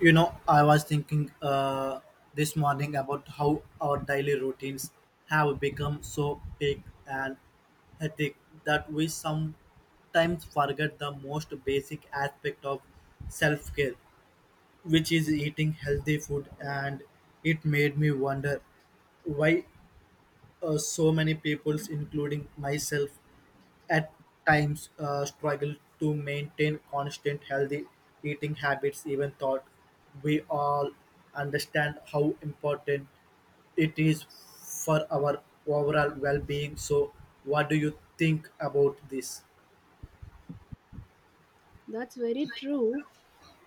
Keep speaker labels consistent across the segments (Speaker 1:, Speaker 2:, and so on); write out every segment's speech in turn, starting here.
Speaker 1: You know, I was thinking this morning about how our daily routines have become so big and hectic that we sometimes forget the most basic aspect of self care, which is eating healthy food. And it made me wonder why so many people, including myself, at times struggle to maintain constant healthy eating habits even thought we all understand how important it is for our overall well-being so what do you think about this.
Speaker 2: That's very true.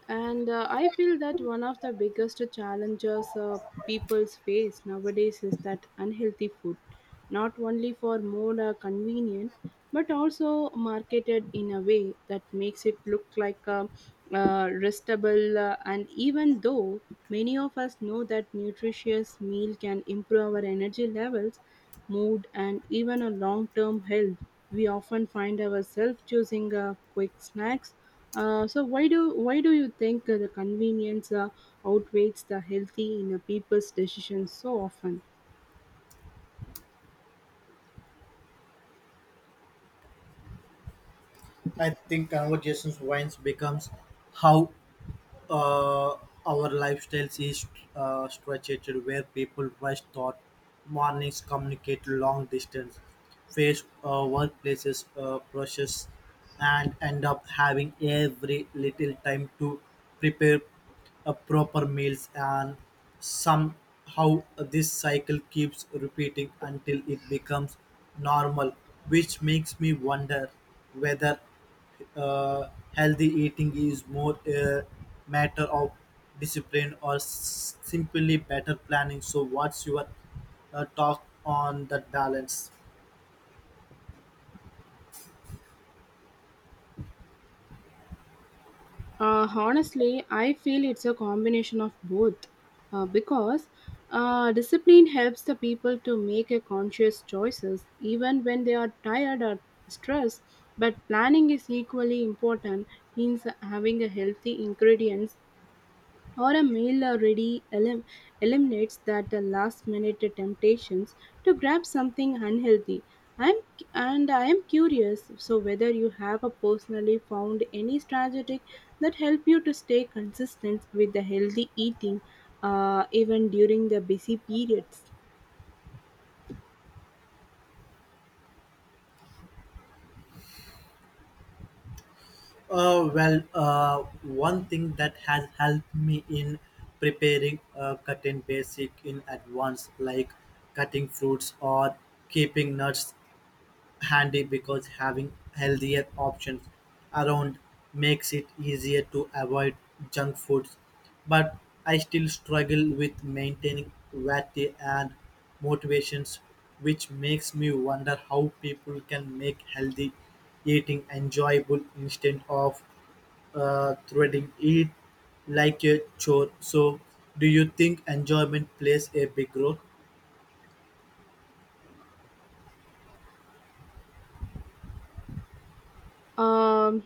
Speaker 2: And I feel that one of the biggest challenges people face nowadays is that unhealthy food, not only for more convenient, but also marketed in a way that makes it look like a restable. And even though many of us know that nutritious meal can improve our energy levels, mood, and even a long term health, we often find ourselves choosing quick snacks so why do you think the convenience outweighs the healthy in a people's decisions so often?
Speaker 1: I think conversations once becomes how uh, our lifestyles is structured, where people rush thought mornings, communicate long distance, face workplaces pressures, and end up having every little time to prepare proper meals, and somehow this cycle keeps repeating until it becomes normal, which makes me wonder whether uh, healthy eating is more a matter of discipline or simply better planning. So, what's your talk on that balance?
Speaker 2: Honestly, I feel it's a combination of both, because discipline helps the people to make a conscious choices even when they are tired or stressed. But planning is equally important in having a healthy ingredients or a meal already eliminates that last minute temptations to grab something unhealthy i'm I am curious so whether you have a personally found any strategy that help you to stay consistent with the healthy eating even during the busy periods.
Speaker 1: One thing that has helped me in preparing cutting basic in advance, like cutting fruits or keeping nuts handy because having healthier options around makes it easier to avoid junk foods but I still struggle with maintaining variety and motivations which makes me wonder how people can make healthy eating enjoyable instead of threading it like a chore so do you think enjoyment plays a big role.
Speaker 2: Um,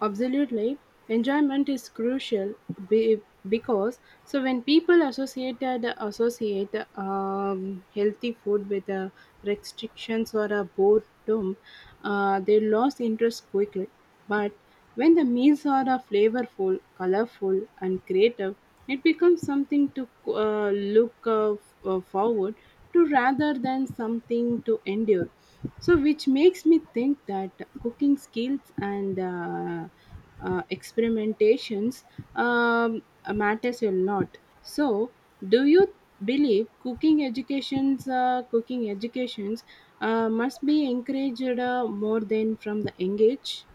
Speaker 2: Absolutely. Enjoyment is crucial be- because so when people associate healthy food with restrictions or a boredom, they lose interest quickly. But when the meals are flavorful, colorful, and creative, it becomes something to forward to rather than something to endure so which makes me think that cooking skills and experimentations um, matters a lot so do you believe cooking educations must be encouraged more than from the engage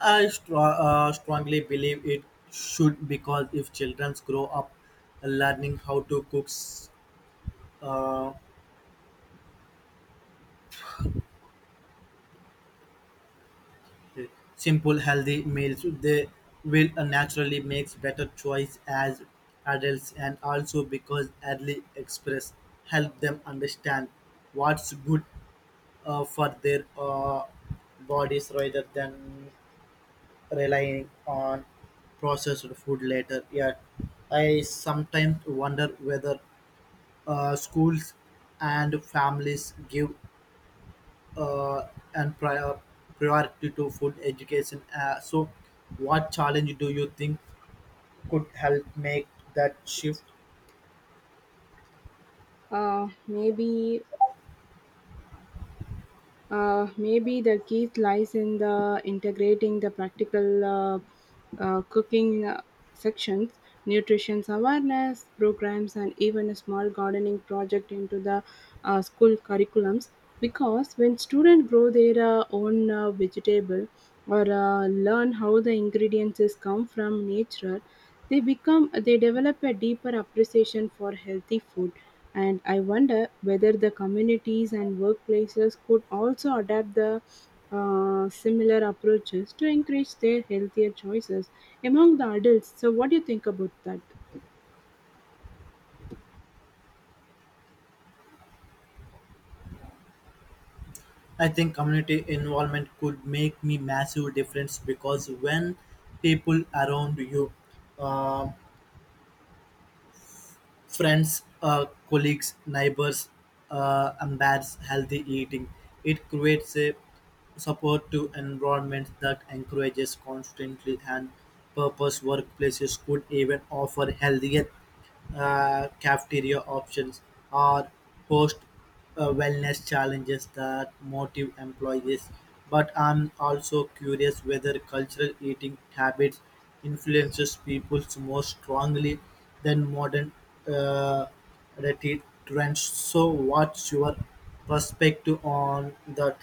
Speaker 1: Strongly believe it should because if children grow up learning how to cook uh, simple healthy meals, they will naturally make better choice as adults and also because early express help them understand what's good for their bodies rather than relying on processed food later yet I sometimes wonder whether schools and families give uh, and prior, priority to food education. So, what challenge do you think could help make that shift?
Speaker 2: uh, maybe maybe the key lies in the integrating the practical cooking sections, nutrition awareness programs, and even a small gardening project into the school curriculums. Because when students grow their own vegetable or learn how the ingredients is come from nature, they develop a deeper appreciation for healthy food, and I wonder whether the communities and workplaces could also adapt the similar approaches to encourage their healthier choices among the adults. So, what do you think about that?
Speaker 1: I think community involvement could make me massive difference because when people around you um friends, colleagues, neighbors, embeds healthy eating. It creates a support to environment that encourages constantly and purpose. Workplaces could even offer healthier cafeteria options or host wellness challenges that motive employees. But I'm also curious whether cultural eating habits influences people more strongly than modern uh, trends. So, what's your perspective on that?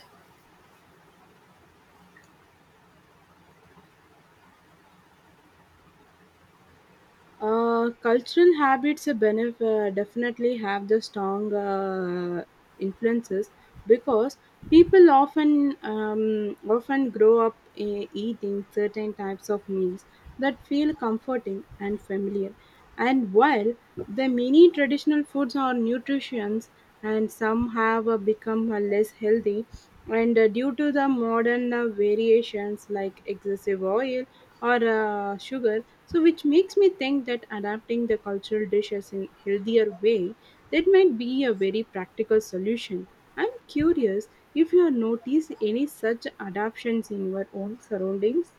Speaker 2: Cultural habits definitely have the strong influences because people often grow up eating certain types of meals that feel comforting and familiar. And while the many traditional foods are nutritious and some have become less healthy, and due to the modern variations like excessive oil or sugar, so which makes me think that adapting the cultural dishes in healthier way, that might be a very practical solution. I'm curious if you have noticed any such adaptations in your own surroundings.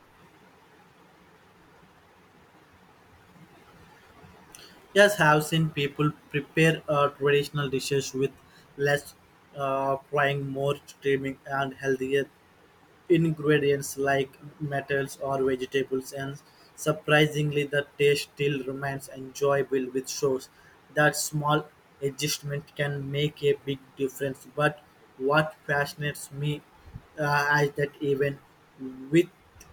Speaker 1: Yes, I have seen people prepare traditional dishes with less frying, more steaming, and healthier ingredients like metals or vegetables, and surprisingly, the taste still remains enjoyable, which shows that small adjustment can make a big difference. But what fascinates me is that even with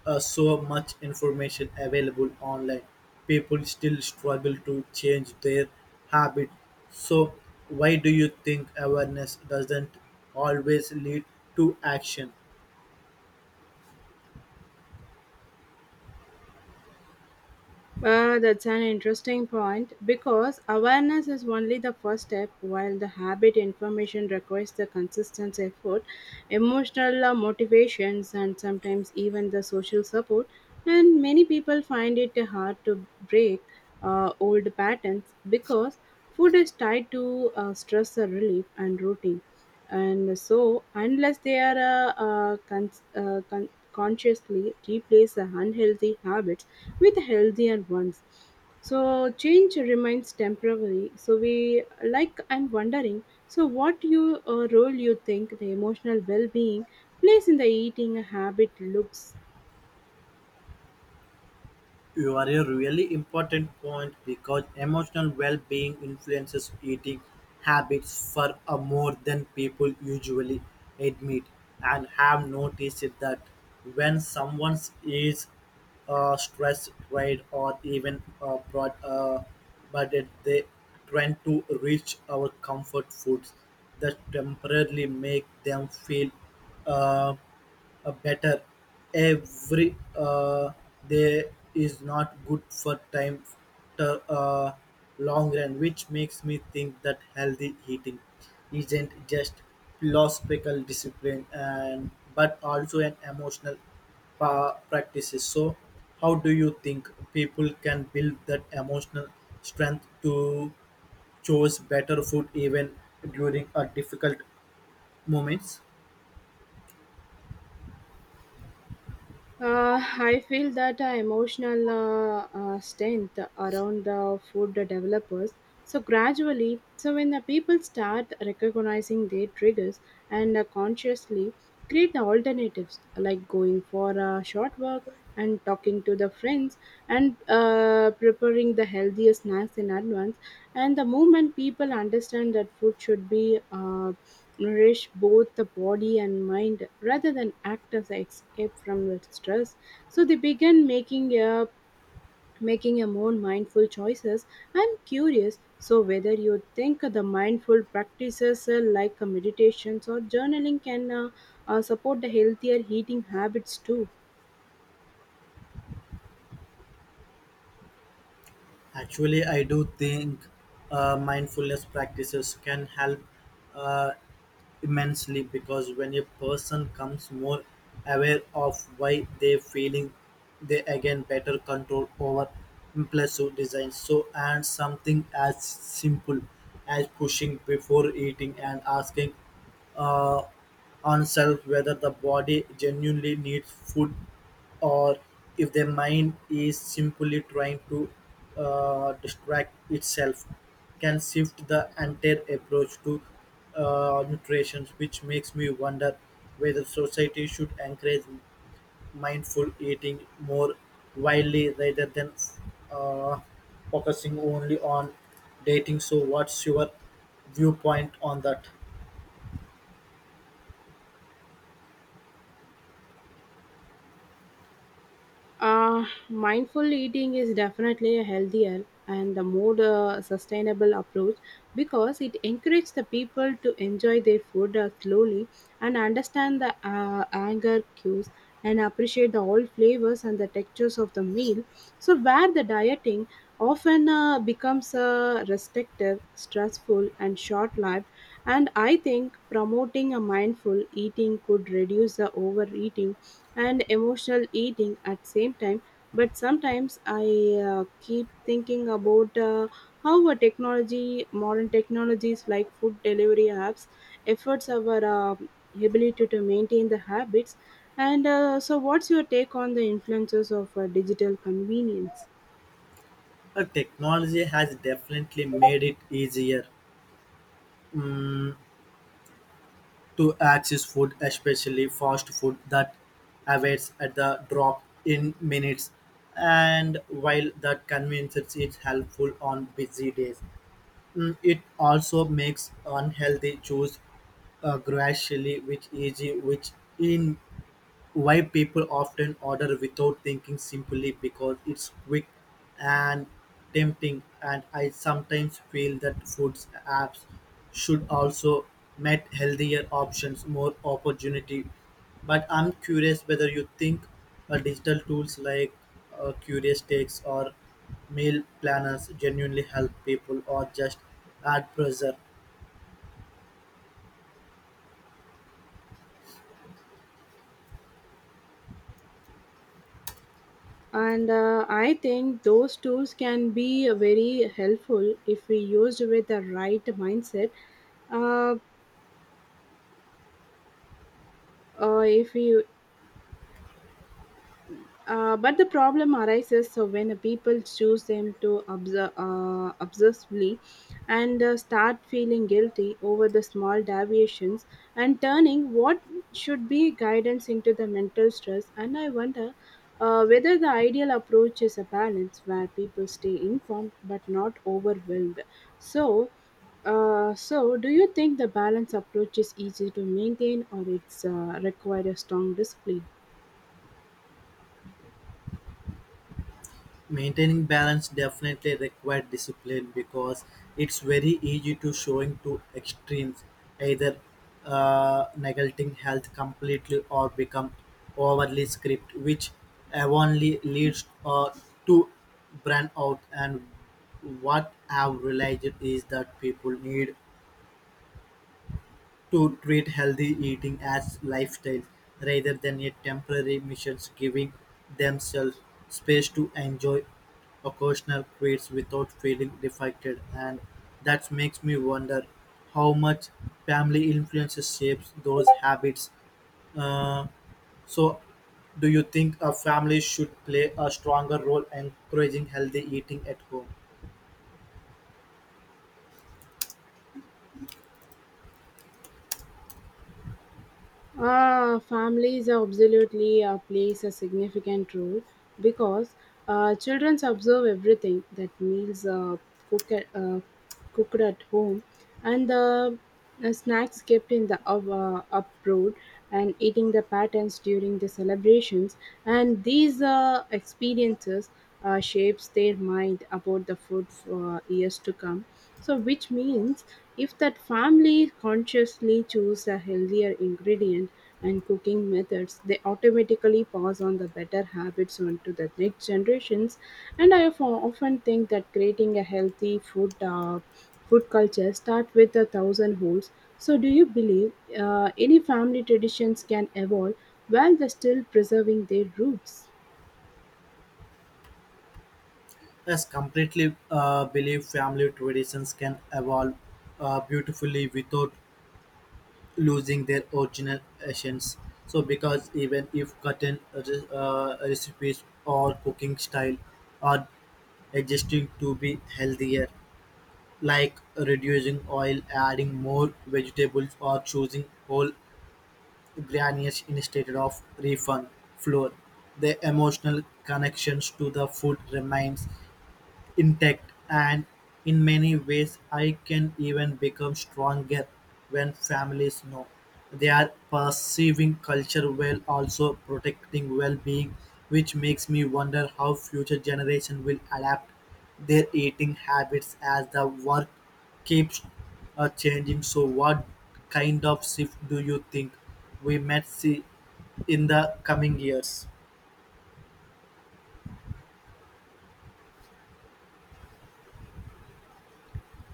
Speaker 1: so much information available online, people still struggle to change their habit. So, why do you think awareness doesn't always lead to action?
Speaker 2: That's an interesting point because awareness is only the first step, while the habit information requires the consistent effort, emotional motivations, and sometimes even the social support. And many people find it hard to break old patterns because food is tied to stress relief and routine. And so, unless they are consciously replace the unhealthy habits with healthier ones. So change remains temporary. So we like I'm wondering. So what you role you think the emotional well-being plays in the eating habit looks.
Speaker 1: You are a really important point because emotional well being influences eating habits for a more than people usually admit and have noticed that when someone is stressed, tired, or even brought, they tend to reach our comfort foods that temporarily make them feel uh, a better every day is not good for time to long run, which makes me think that healthy eating isn't just philosophical discipline and but also an emotional practices. So, how do you think people can build that emotional strength to choose better food even during a difficult moments?
Speaker 2: I feel that emotional strength around the food developers. So gradually, so when the people start recognizing their triggers and consciously create the alternatives like going for a short walk and talking to the friends and preparing the healthier snacks in advance, and the moment people understand that food should be nourish both the body and mind rather than act as an escape from the stress, so they began making a more mindful choices. I'm curious so whether you think the mindful practices like meditations or journaling can support the healthier eating habits too.
Speaker 1: Actually, I do think mindfulness practices can help uh, immensely because when a person comes more aware of why they're feeling, they again better control over impulsive design. So, and something as simple as pushing before eating and asking. Uh, Oneself whether the body genuinely needs food or if the mind is simply trying to distract itself can shift the entire approach to nutrition which makes me wonder whether society should encourage mindful eating more widely rather than uh, focusing only on dating so what's your viewpoint on that.
Speaker 2: Mindful eating is definitely a healthier and the more sustainable approach because it encourages the people to enjoy their food slowly and understand the anger cues and appreciate the all flavors and the textures of the meal. So, where the dieting often becomes restrictive, stressful, and short lived, and I think promoting a mindful eating could reduce the overeating and emotional eating at same time, but sometimes I keep thinking about how a technology modern technologies like food delivery apps efforts our ability to maintain the habits, and so what's your take on the influences of digital convenience?
Speaker 1: Technology has definitely made it easier to access food, especially fast food that avails at the drop in minutes. And while that convenience is helpful on busy days, mm, it also makes unhealthy choice gradually, which easy, which in why people often order without thinking simply because it's quick and tempting and I sometimes feel that foods apps should also met healthier options more opportunity but I'm curious whether you think digital tools like curious takes or meal planners genuinely help people or just add pressure.
Speaker 2: And uh, i think those tools can be very helpful if we used with the right mindset, uh, if we but the problem arises so when the people choose them to observe, obsessively and start feeling guilty over the small deviations and turning what should be guidance into the mental stress. And I wonder whether the ideal approach is a balance where people stay informed but not overwhelmed. So, so do you think the balance approach is easy to maintain or it's require a strong discipline?
Speaker 1: Maintaining balance definitely requires discipline because it's very easy to showing to extremes, either neglecting health completely or become overly strict, which only leads to burnout. And what I've realized is that people need to treat healthy eating as lifestyle rather than a temporary missions, giving themselves space to enjoy occasional treats without feeling defected. And that makes me wonder how much family influences shapes those habits. Uh, so, do you think a family should play a stronger role in encouraging healthy eating at home?
Speaker 2: Families absolutely plays a significant role because children observe everything that meals cook at, uh, cooked at home and the snacks kept in the abroad and eating the patterns during the celebrations, and these experiences shapes their mind about the food for years to come, so which means if that family consciously choose a healthier ingredient and cooking methods, they automatically pass on the better habits onto the next generations. And I often think that creating a healthy food culture start with a thousand holes. So, do you believe any family traditions can evolve while they're still preserving their roots?
Speaker 1: Yes, completely believe family traditions can evolve beautifully without losing their original essence. So, because even if cutting recipes or cooking style are adjusting to be healthier, like reducing oil, adding more vegetables, or choosing whole grains instead of refund flour, the emotional connections to the food remains intact, and in many ways I can even become stronger when families know they are perceiving culture while also protecting well-being, which makes me wonder how future generation will adapt their eating habits as the world keeps changing. So, what kind of shift do you think we might see in the coming years?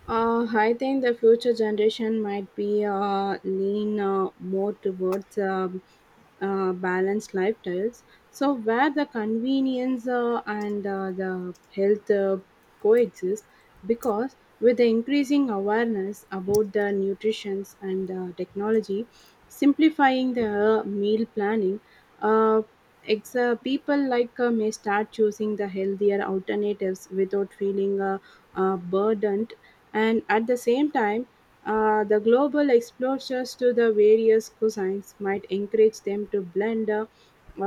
Speaker 2: I think the future generation might be lean more towards balanced lifestyles. So where the convenience and the health coexist, because with the increasing awareness about the nutrition and technology, simplifying the meal planning, uh, people like may start choosing the healthier alternatives without feeling burdened, and at the same time the global exposures to the various cuisines might encourage them to blend uh,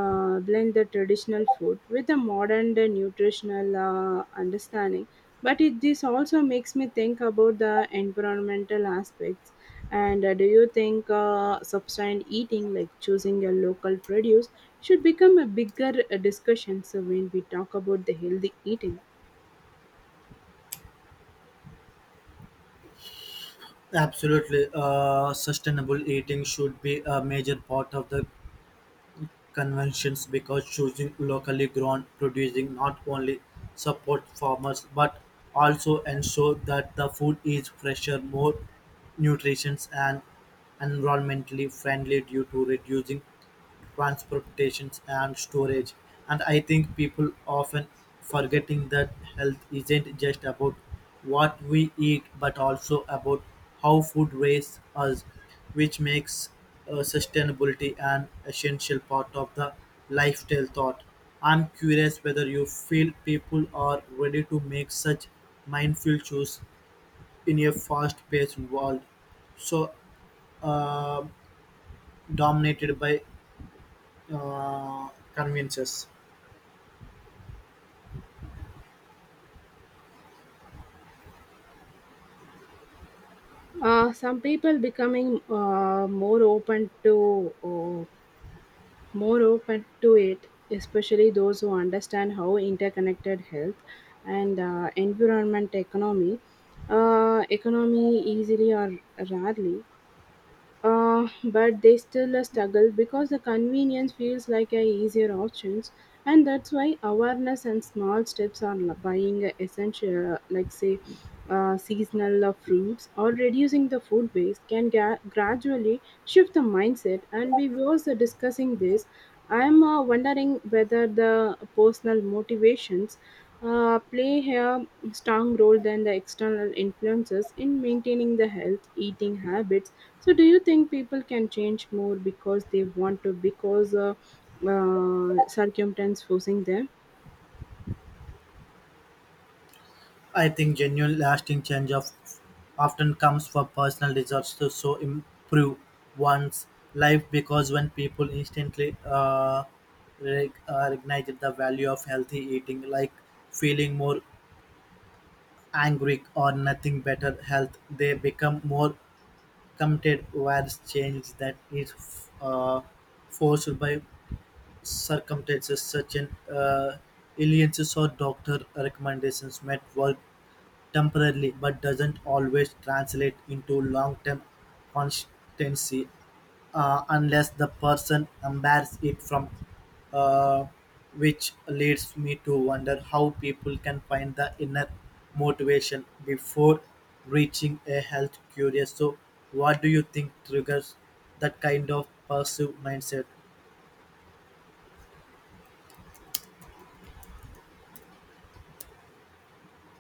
Speaker 2: uh, blend the traditional food with the modern nutritional understanding, but it this also makes me think about the environmental aspects, and do you think substant eating like choosing a local produce should become a bigger discussion so when we talk about the healthy eating?
Speaker 1: Absolutely. Sustainable eating should be a major part of the conventions because choosing locally grown producing not only support farmers but also ensure that the food is fresher, more nutritious and environmentally friendly due to reducing transportations and storage. And I think people often forgetting that health isn't just about what we eat, but also about how food raised us, which makes sustainability an essential part of the lifestyle thought. I'm curious whether you feel people are ready to make such mindful choices in a fast-paced world so uh, dominated by uh, conveniences.
Speaker 2: Some people becoming uh, more open to it, especially those who understand how interconnected health and environment economy economy easily or rarely, but they still struggle because the convenience feels like a easier options, and that's why awareness and small steps on buying essential like say seasonal fruits or reducing the food waste can gradually shift the mindset, and we were also discussing this. I'm wondering whether the personal motivations play a strong role than the external influences in maintaining the health eating habit. So, do you think people can change more because they want to, because circumstance forcing them?
Speaker 1: I think genuine lasting change of often comes from personal desires to so improve one's life because when people instantly recognize the value of healthy eating, like feeling more angry or nothing better health, they become more committed whereas change that is uh, forced by circumstances such as illnesses or doctor recommendations might work temporarily but doesn't always translate into long-term constancy unless the person embraces it from uh, which leads me to wonder how people can find the inner motivation before reaching a health curious so what do you think triggers that kind of passive mindset.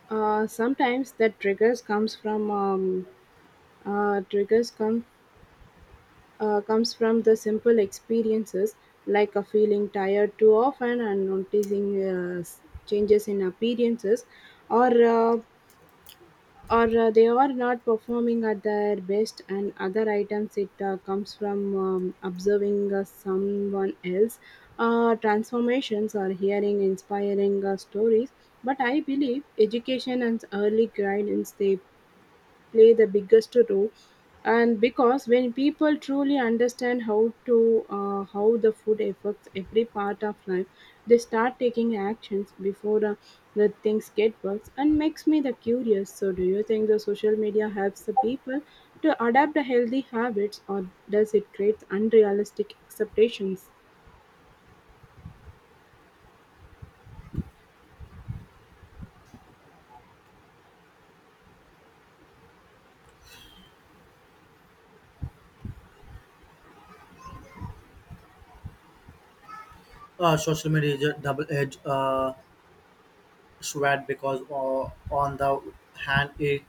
Speaker 2: Sometimes that triggers comes from triggers come comes from the simple experiences like a feeling tired too often and noticing changes in appearances or uh, or they are not performing at their best, and other items it comes from observing someone else transformations or hearing inspiring stories, but I believe education and early guidance they play the biggest role and because when people truly understand how to how the food affects every part of life, they start taking actions before the things get worse, and makes me the curious so do you think the social media helps the people to adapt the healthy habits or does it create unrealistic expectations?
Speaker 1: Social media is a double-edged sword because, on the hand, it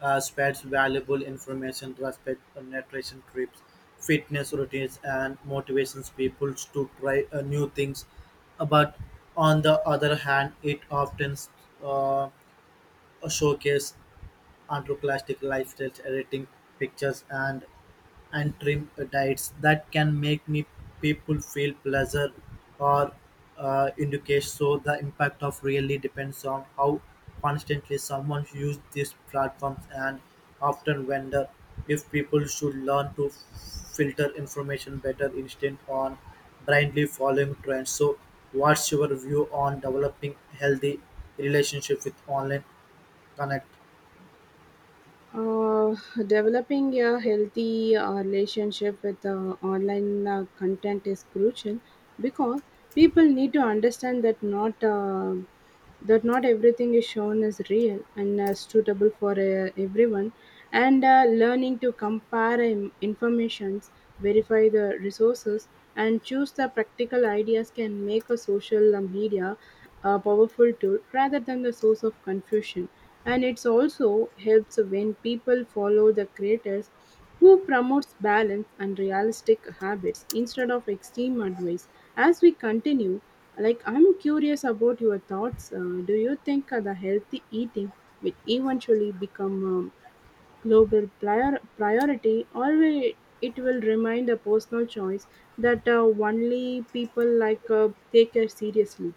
Speaker 1: spreads valuable information respect, nutrition trips, fitness routines, and motivations people to try new things. But on the other hand, it often uh, showcases entrepreneuristic lifestyles, editing pictures, and trim diets that can make me people feel pleasure or indicate so the impact of really depends on how constantly someone use these platforms and often wonder if people should learn to filter information better instead on blindly following trends so what's your view on developing healthy relationship with online connect.
Speaker 2: Uh, Developing a healthy relationship with online content is crucial because people need to understand that not everything is shown as real and suitable for everyone, and learning to compare informations, verify the resources, and choose the practical ideas can make a social media a powerful tool rather than the source of confusion, and it's also helps when people follow the creators who promotes balance and realistic habits instead of extreme advice. As we continue, like I'm curious about your thoughts. Do you think the healthy eating will eventually become a global priority, or will it will remain a personal choice that only people like take care seriously?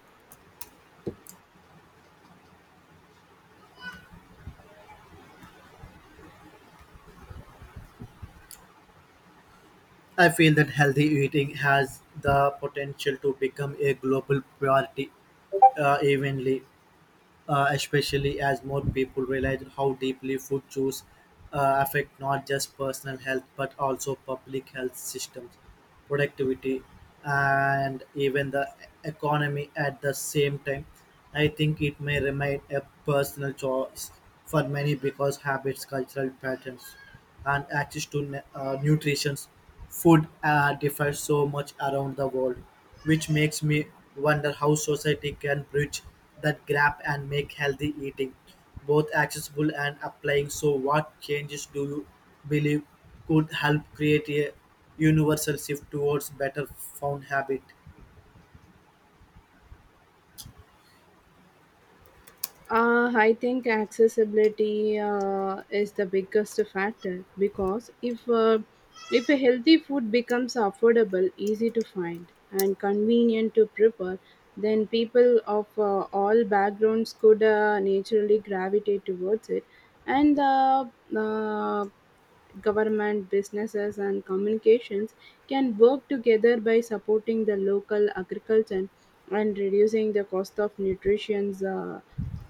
Speaker 1: I feel that healthy eating has the potential to become a global priority evenly, especially as more people realize how deeply food choices affect not just personal health but also public health systems, productivity, and even the economy at the same time. I think it may remain a personal choice for many because habits, cultural patterns, and access to nutrition food differs so much around the world, which makes me wonder how society can bridge that gap and make healthy eating both accessible and applying. So, what changes do you believe could help create a universal shift towards better found habit?
Speaker 2: I think accessibility is the biggest factor because if a healthy food becomes affordable, easy to find, and convenient to prepare, then people of all backgrounds could naturally gravitate towards it, and the uh, government, businesses, and communications can work together by supporting the local agriculture and reducing the cost of nutrition's uh,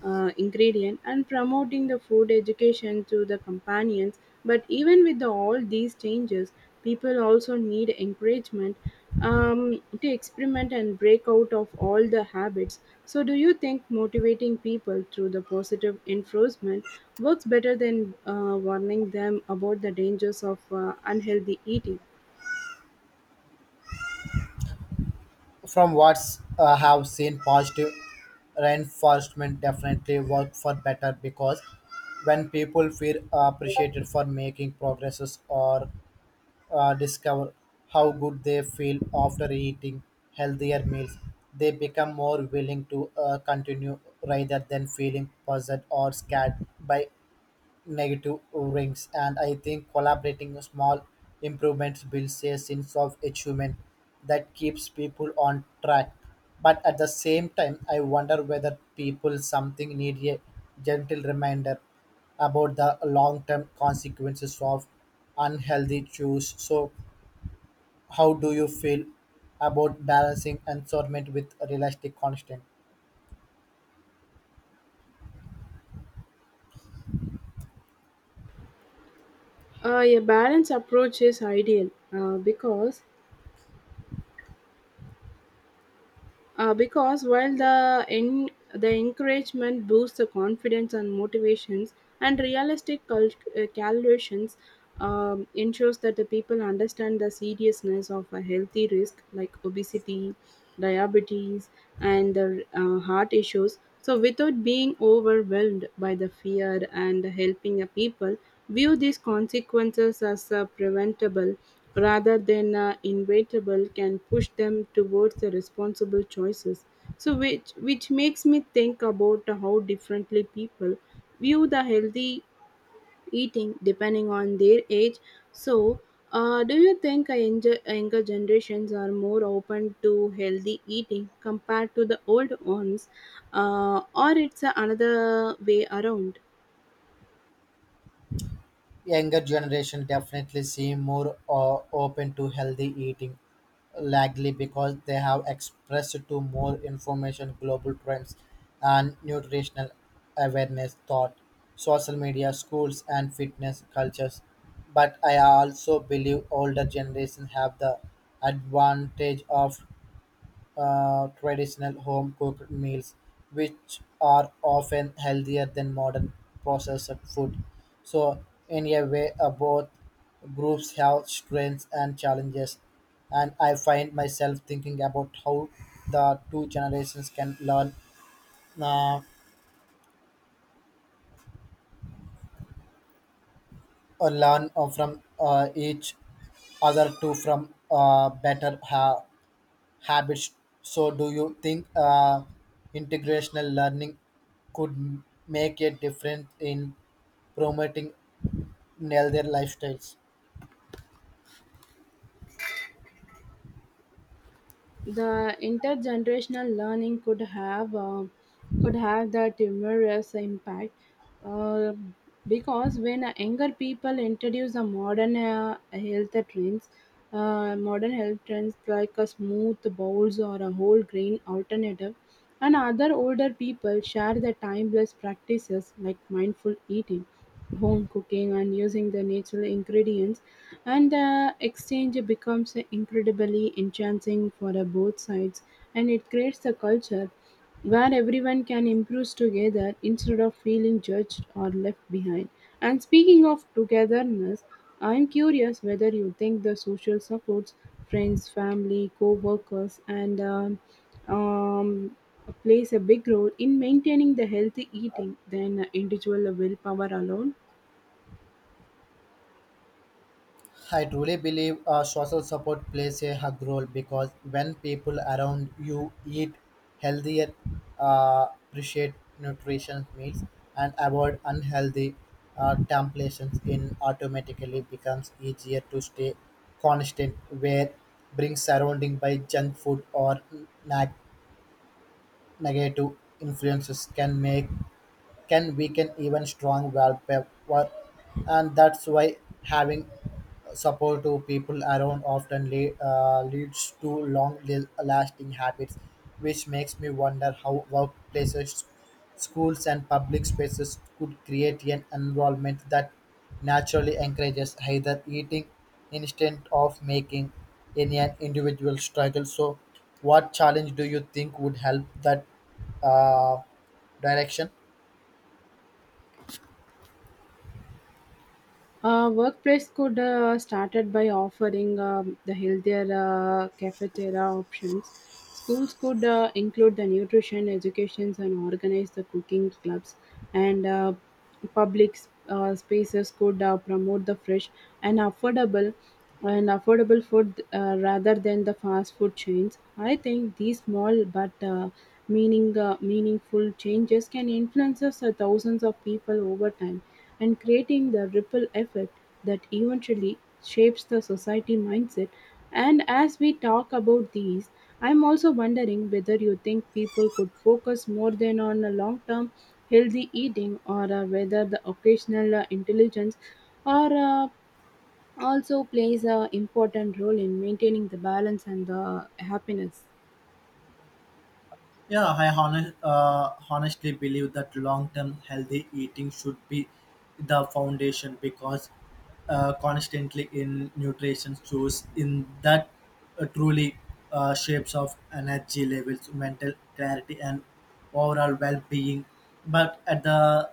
Speaker 2: uh, ingredient and promoting the food education to the companions. But even with all these changes, people also need encouragement to experiment and break out of all the habits. So, do you think motivating people through the positive enforcement works better than warning them about the dangers of unhealthy eating?
Speaker 1: From what I have seen, positive reinforcement definitely work for better because when people feel appreciated for making progresses or discover how good they feel after eating healthier meals. They become more willing to continue rather than feeling puzzled or scared by negative rings. And I think collaborating with small improvements builds a sense of achievement that keeps people on track. But at the same time, I wonder whether people something need a gentle reminder about the long-term consequences of unhealthy choice. So how do you feel about balancing environment with realistic constraint?
Speaker 2: A balanced approach is ideal because while the encouragement boosts the confidence and motivations and realistic calculations ensures that the people understand the seriousness of a healthy risk like obesity, diabetes, and the heart issues, so without being overwhelmed by the fear and helping a people view these consequences as preventable rather than inevitable can push them towards the responsible choices. So which makes me think about how differently people view the healthy eating depending on their age. So do you think a younger generations are more open to healthy eating compared to the old ones, or it's another way around?
Speaker 1: Younger generation definitely seem more open to healthy eating, likely because they have expressed to more information, global trends, and nutritional awareness thought, social media, schools, and fitness cultures. But I also believe older generations have the advantage of traditional home cooked meals, which are often healthier than modern processed food. So, in a way, both groups have strengths and challenges, and I find myself thinking about how the two generations can learn uh, or learn from each other to from better habits. So, do you think integrational learning could make a difference in promoting healthier lifestyles?
Speaker 2: The intergenerational learning could have that humorous impact, uh, because when younger people introduce the modern health trends, modern health trends like a smooth bowls or a whole grain alternative. And other older people share their timeless practices like mindful eating, home cooking, and using the natural ingredients. And the exchange becomes incredibly enchanting for both sides, and it creates a culture where everyone can improve together instead of feeling judged or left behind. And speaking of togetherness, I'm curious whether you think the social supports, friends, family, co workers, and um, plays a big role in maintaining the healthy eating than individual willpower alone.
Speaker 1: I truly believe social support plays a hug role because when people around you eat healthier, appreciate nutrition meals, and avoid unhealthy temptations, it automatically becomes easier to stay constant. Where being surrounded by junk food or neg- negative influences can make can weaken even strong willpower, and that's why having supportive people around often leads to long-lasting habits, which makes me wonder how workplaces, schools, and public spaces could create an environment that naturally encourages either eating instead of making any an individual struggle. So, what challenge do you think would help that uh, direction?
Speaker 2: Workplace could started by offering the healthier cafeteria options. Schools could include the nutrition educations and organize the cooking clubs, and spaces could promote the fresh and affordable and affordable food rather than the fast food chains. I think these small but meaningful changes can influence us, thousands of people over time and creating the ripple effect that eventually shapes the society mindset. And as we talk about these, I'm also wondering whether you think people could focus more than on a long term healthy eating or whether the occasional intelligence or also plays a important role in maintaining the balance and the happiness.
Speaker 1: Yeah, I honestly believe that long term healthy eating should be the foundation because constantly in nutrition source in that truly shapes of energy levels, mental clarity, and overall well being. But at the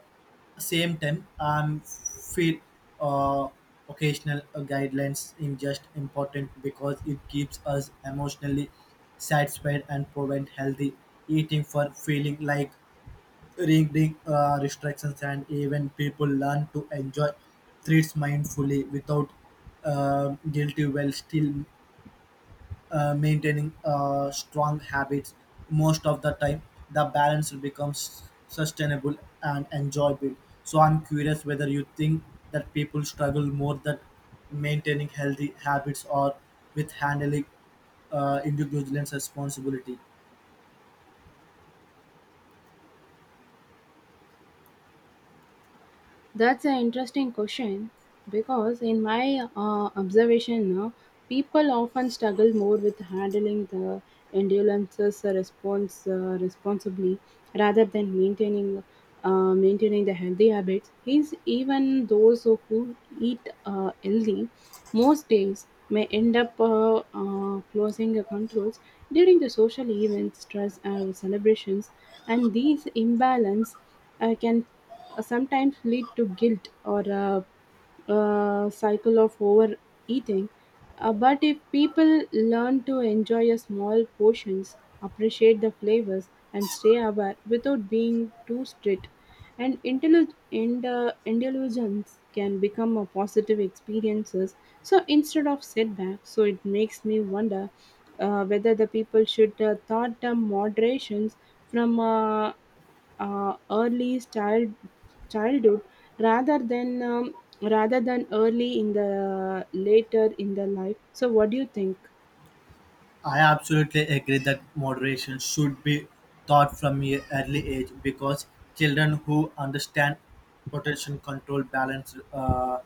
Speaker 1: same time I'm feel uh, occasional guidelines in just important because it keeps us emotionally satisfied and prevent healthy eating for feeling like reading restrictions and even people learn to enjoy treats mindfully without guilty while still maintaining strong habits most of the time the balance becomes sustainable and enjoyable. So I'm curious whether you think that people struggle more that maintaining healthy habits or with handling individual responsibility.
Speaker 2: That's an interesting question because, in my observation, people often struggle more with handling the endurances response responsibly rather than maintaining the healthy habits. Is even those who eat healthy most days may end up closing the controls during the social events, stress, or celebrations, and these imbalance can sometimes lead to guilt or a, cycle of overeating. But if people learn to enjoy a small portions, appreciate the flavors, and stay aware without being too strict, indulgence can become a positive experience so instead of setback. So it makes me wonder whether the people should thought the moderations from early childhood rather than rather than early in the later in the life. So what do you think?
Speaker 1: I absolutely agree that moderation should be taught from an early age because children who understand potential control, balance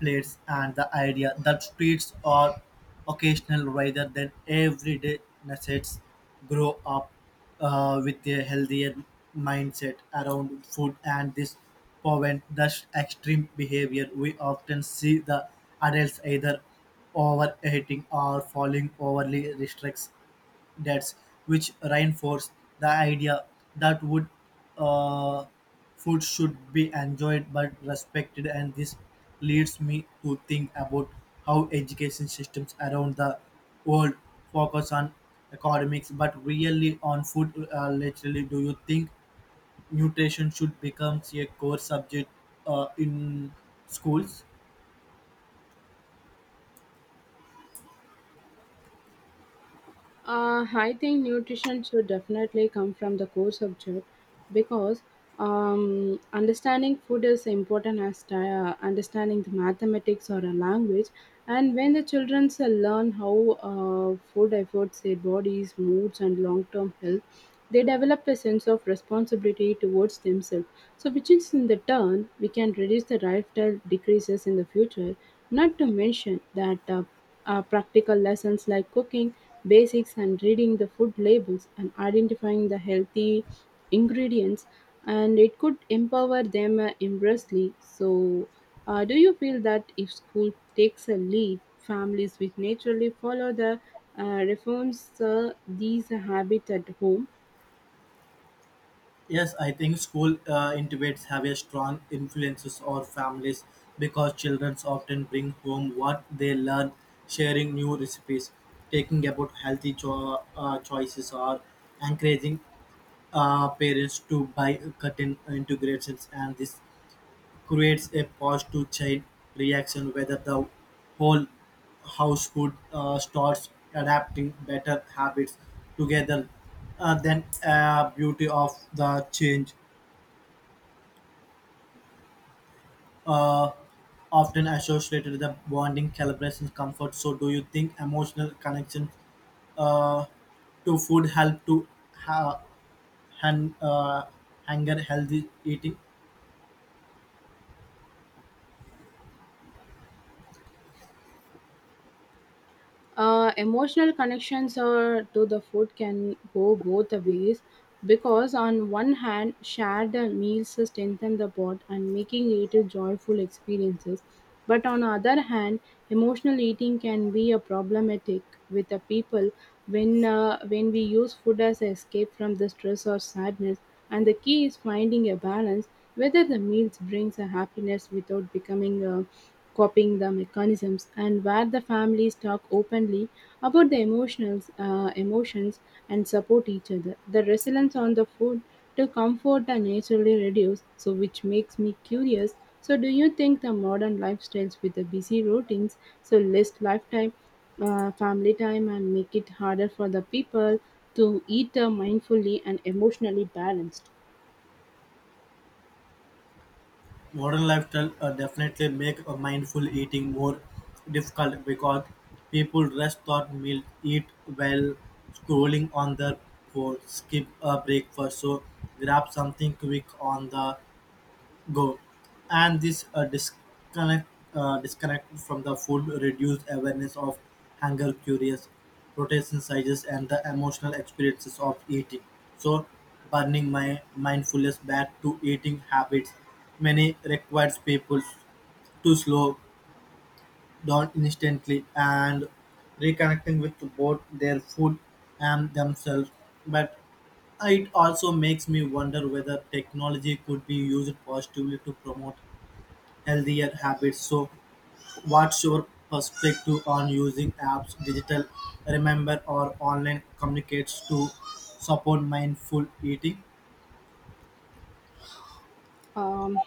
Speaker 1: plates, and the idea that treats are occasional rather than everyday necessities grow up with a healthier mindset around food, and this prevent the extreme behavior we often see the adults either overeating or following overly restricts diets, which reinforce the idea that would uh, food should be enjoyed but respected. And this leads me to think about how education systems around the world focus on academics but really on food. Literally, do you think nutrition should become a core subject in schools?
Speaker 2: I think nutrition should definitely come from the core subject because understanding food is important as understanding the mathematics or a language. And when the children learn how food affects their bodies, moods, and long term health, they develop a sense of responsibility towards themselves. So, which is in the turn, we can reduce the lifestyle decreases in the future. Not to mention that practical lessons like cooking basics and reading the food labels and identifying the healthy ingredients, and it could empower them immensely. So do you feel that if school takes a lead, families will naturally follow the reforms these habits at home?
Speaker 1: Yes, I think school intimates have a strong influences on families because children often bring home what they learn, sharing new recipes, taking about healthy choices, or encouraging parents to buy cutting integrations, and this creates a positive chain reaction whether the whole household starts adapting better habits together. Uh, then beauty of the change uh, often associated with the bonding, celebration, comfort. So, do you think emotional connection uh, to food help to ha- han- uh, hunger healthy eating?
Speaker 2: Emotional connections to the food can go both the ways, because on one hand shared meals strengthen the bond and making it a joyful experiences, but on the other hand emotional eating can be a problematic with the people when we use food as an escape from the stress or sadness, and the key is finding a balance whether the meals brings a happiness without becoming a copying the mechanisms, and where the families talk openly about the emotions, emotions and support each other. The resilience on the food to comfort and naturally reduce, so which makes me curious. So, do you think the modern lifestyles with the busy routines, so less lifetime, family time, and make it harder for the people to eat mindfully and emotionally balanced?
Speaker 1: Modern lifestyle definitely make a mindful eating more difficult because people rest thought meal, eat while scrolling on their phone, skip a breakfast, so grab something quick on the go. And this disconnect from the food reduced awareness of hunger curious protein sizes and the emotional experiences of eating. So burning my mindfulness back to eating habits many requires people to slow down instantly and reconnecting with both their food and themselves, but it also makes me wonder whether technology could be used positively to promote healthier habits. So, what's your perspective on using apps, digital remember, or online communicates to support mindful eating?
Speaker 2: Um,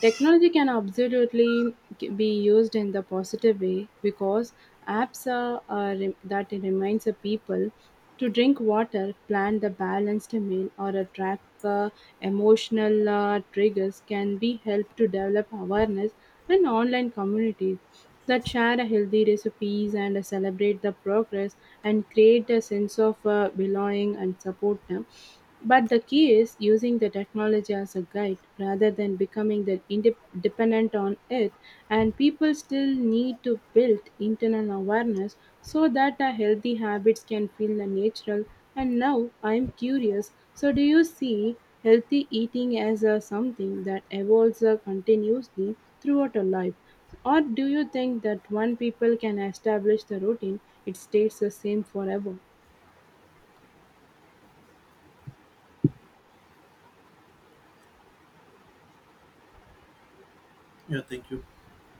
Speaker 2: Technology can absolutely be used in the positive way, because apps that reminds the people to drink water, plan the balanced meal, or attract the emotional triggers can be help to develop awareness, and online communities that share a healthy recipes and celebrate the progress and create a sense of belonging and support them. But the key is using the technology as a guide rather than becoming the indep dependent on it, and people still need to build internal awareness so that our healthy habits can feel the natural. And now I'm curious. So do you see healthy eating as a something that evolves continuously throughout a life? Or do you think that when people can establish the routine, it stays the same forever?
Speaker 1: Yeah, thank you.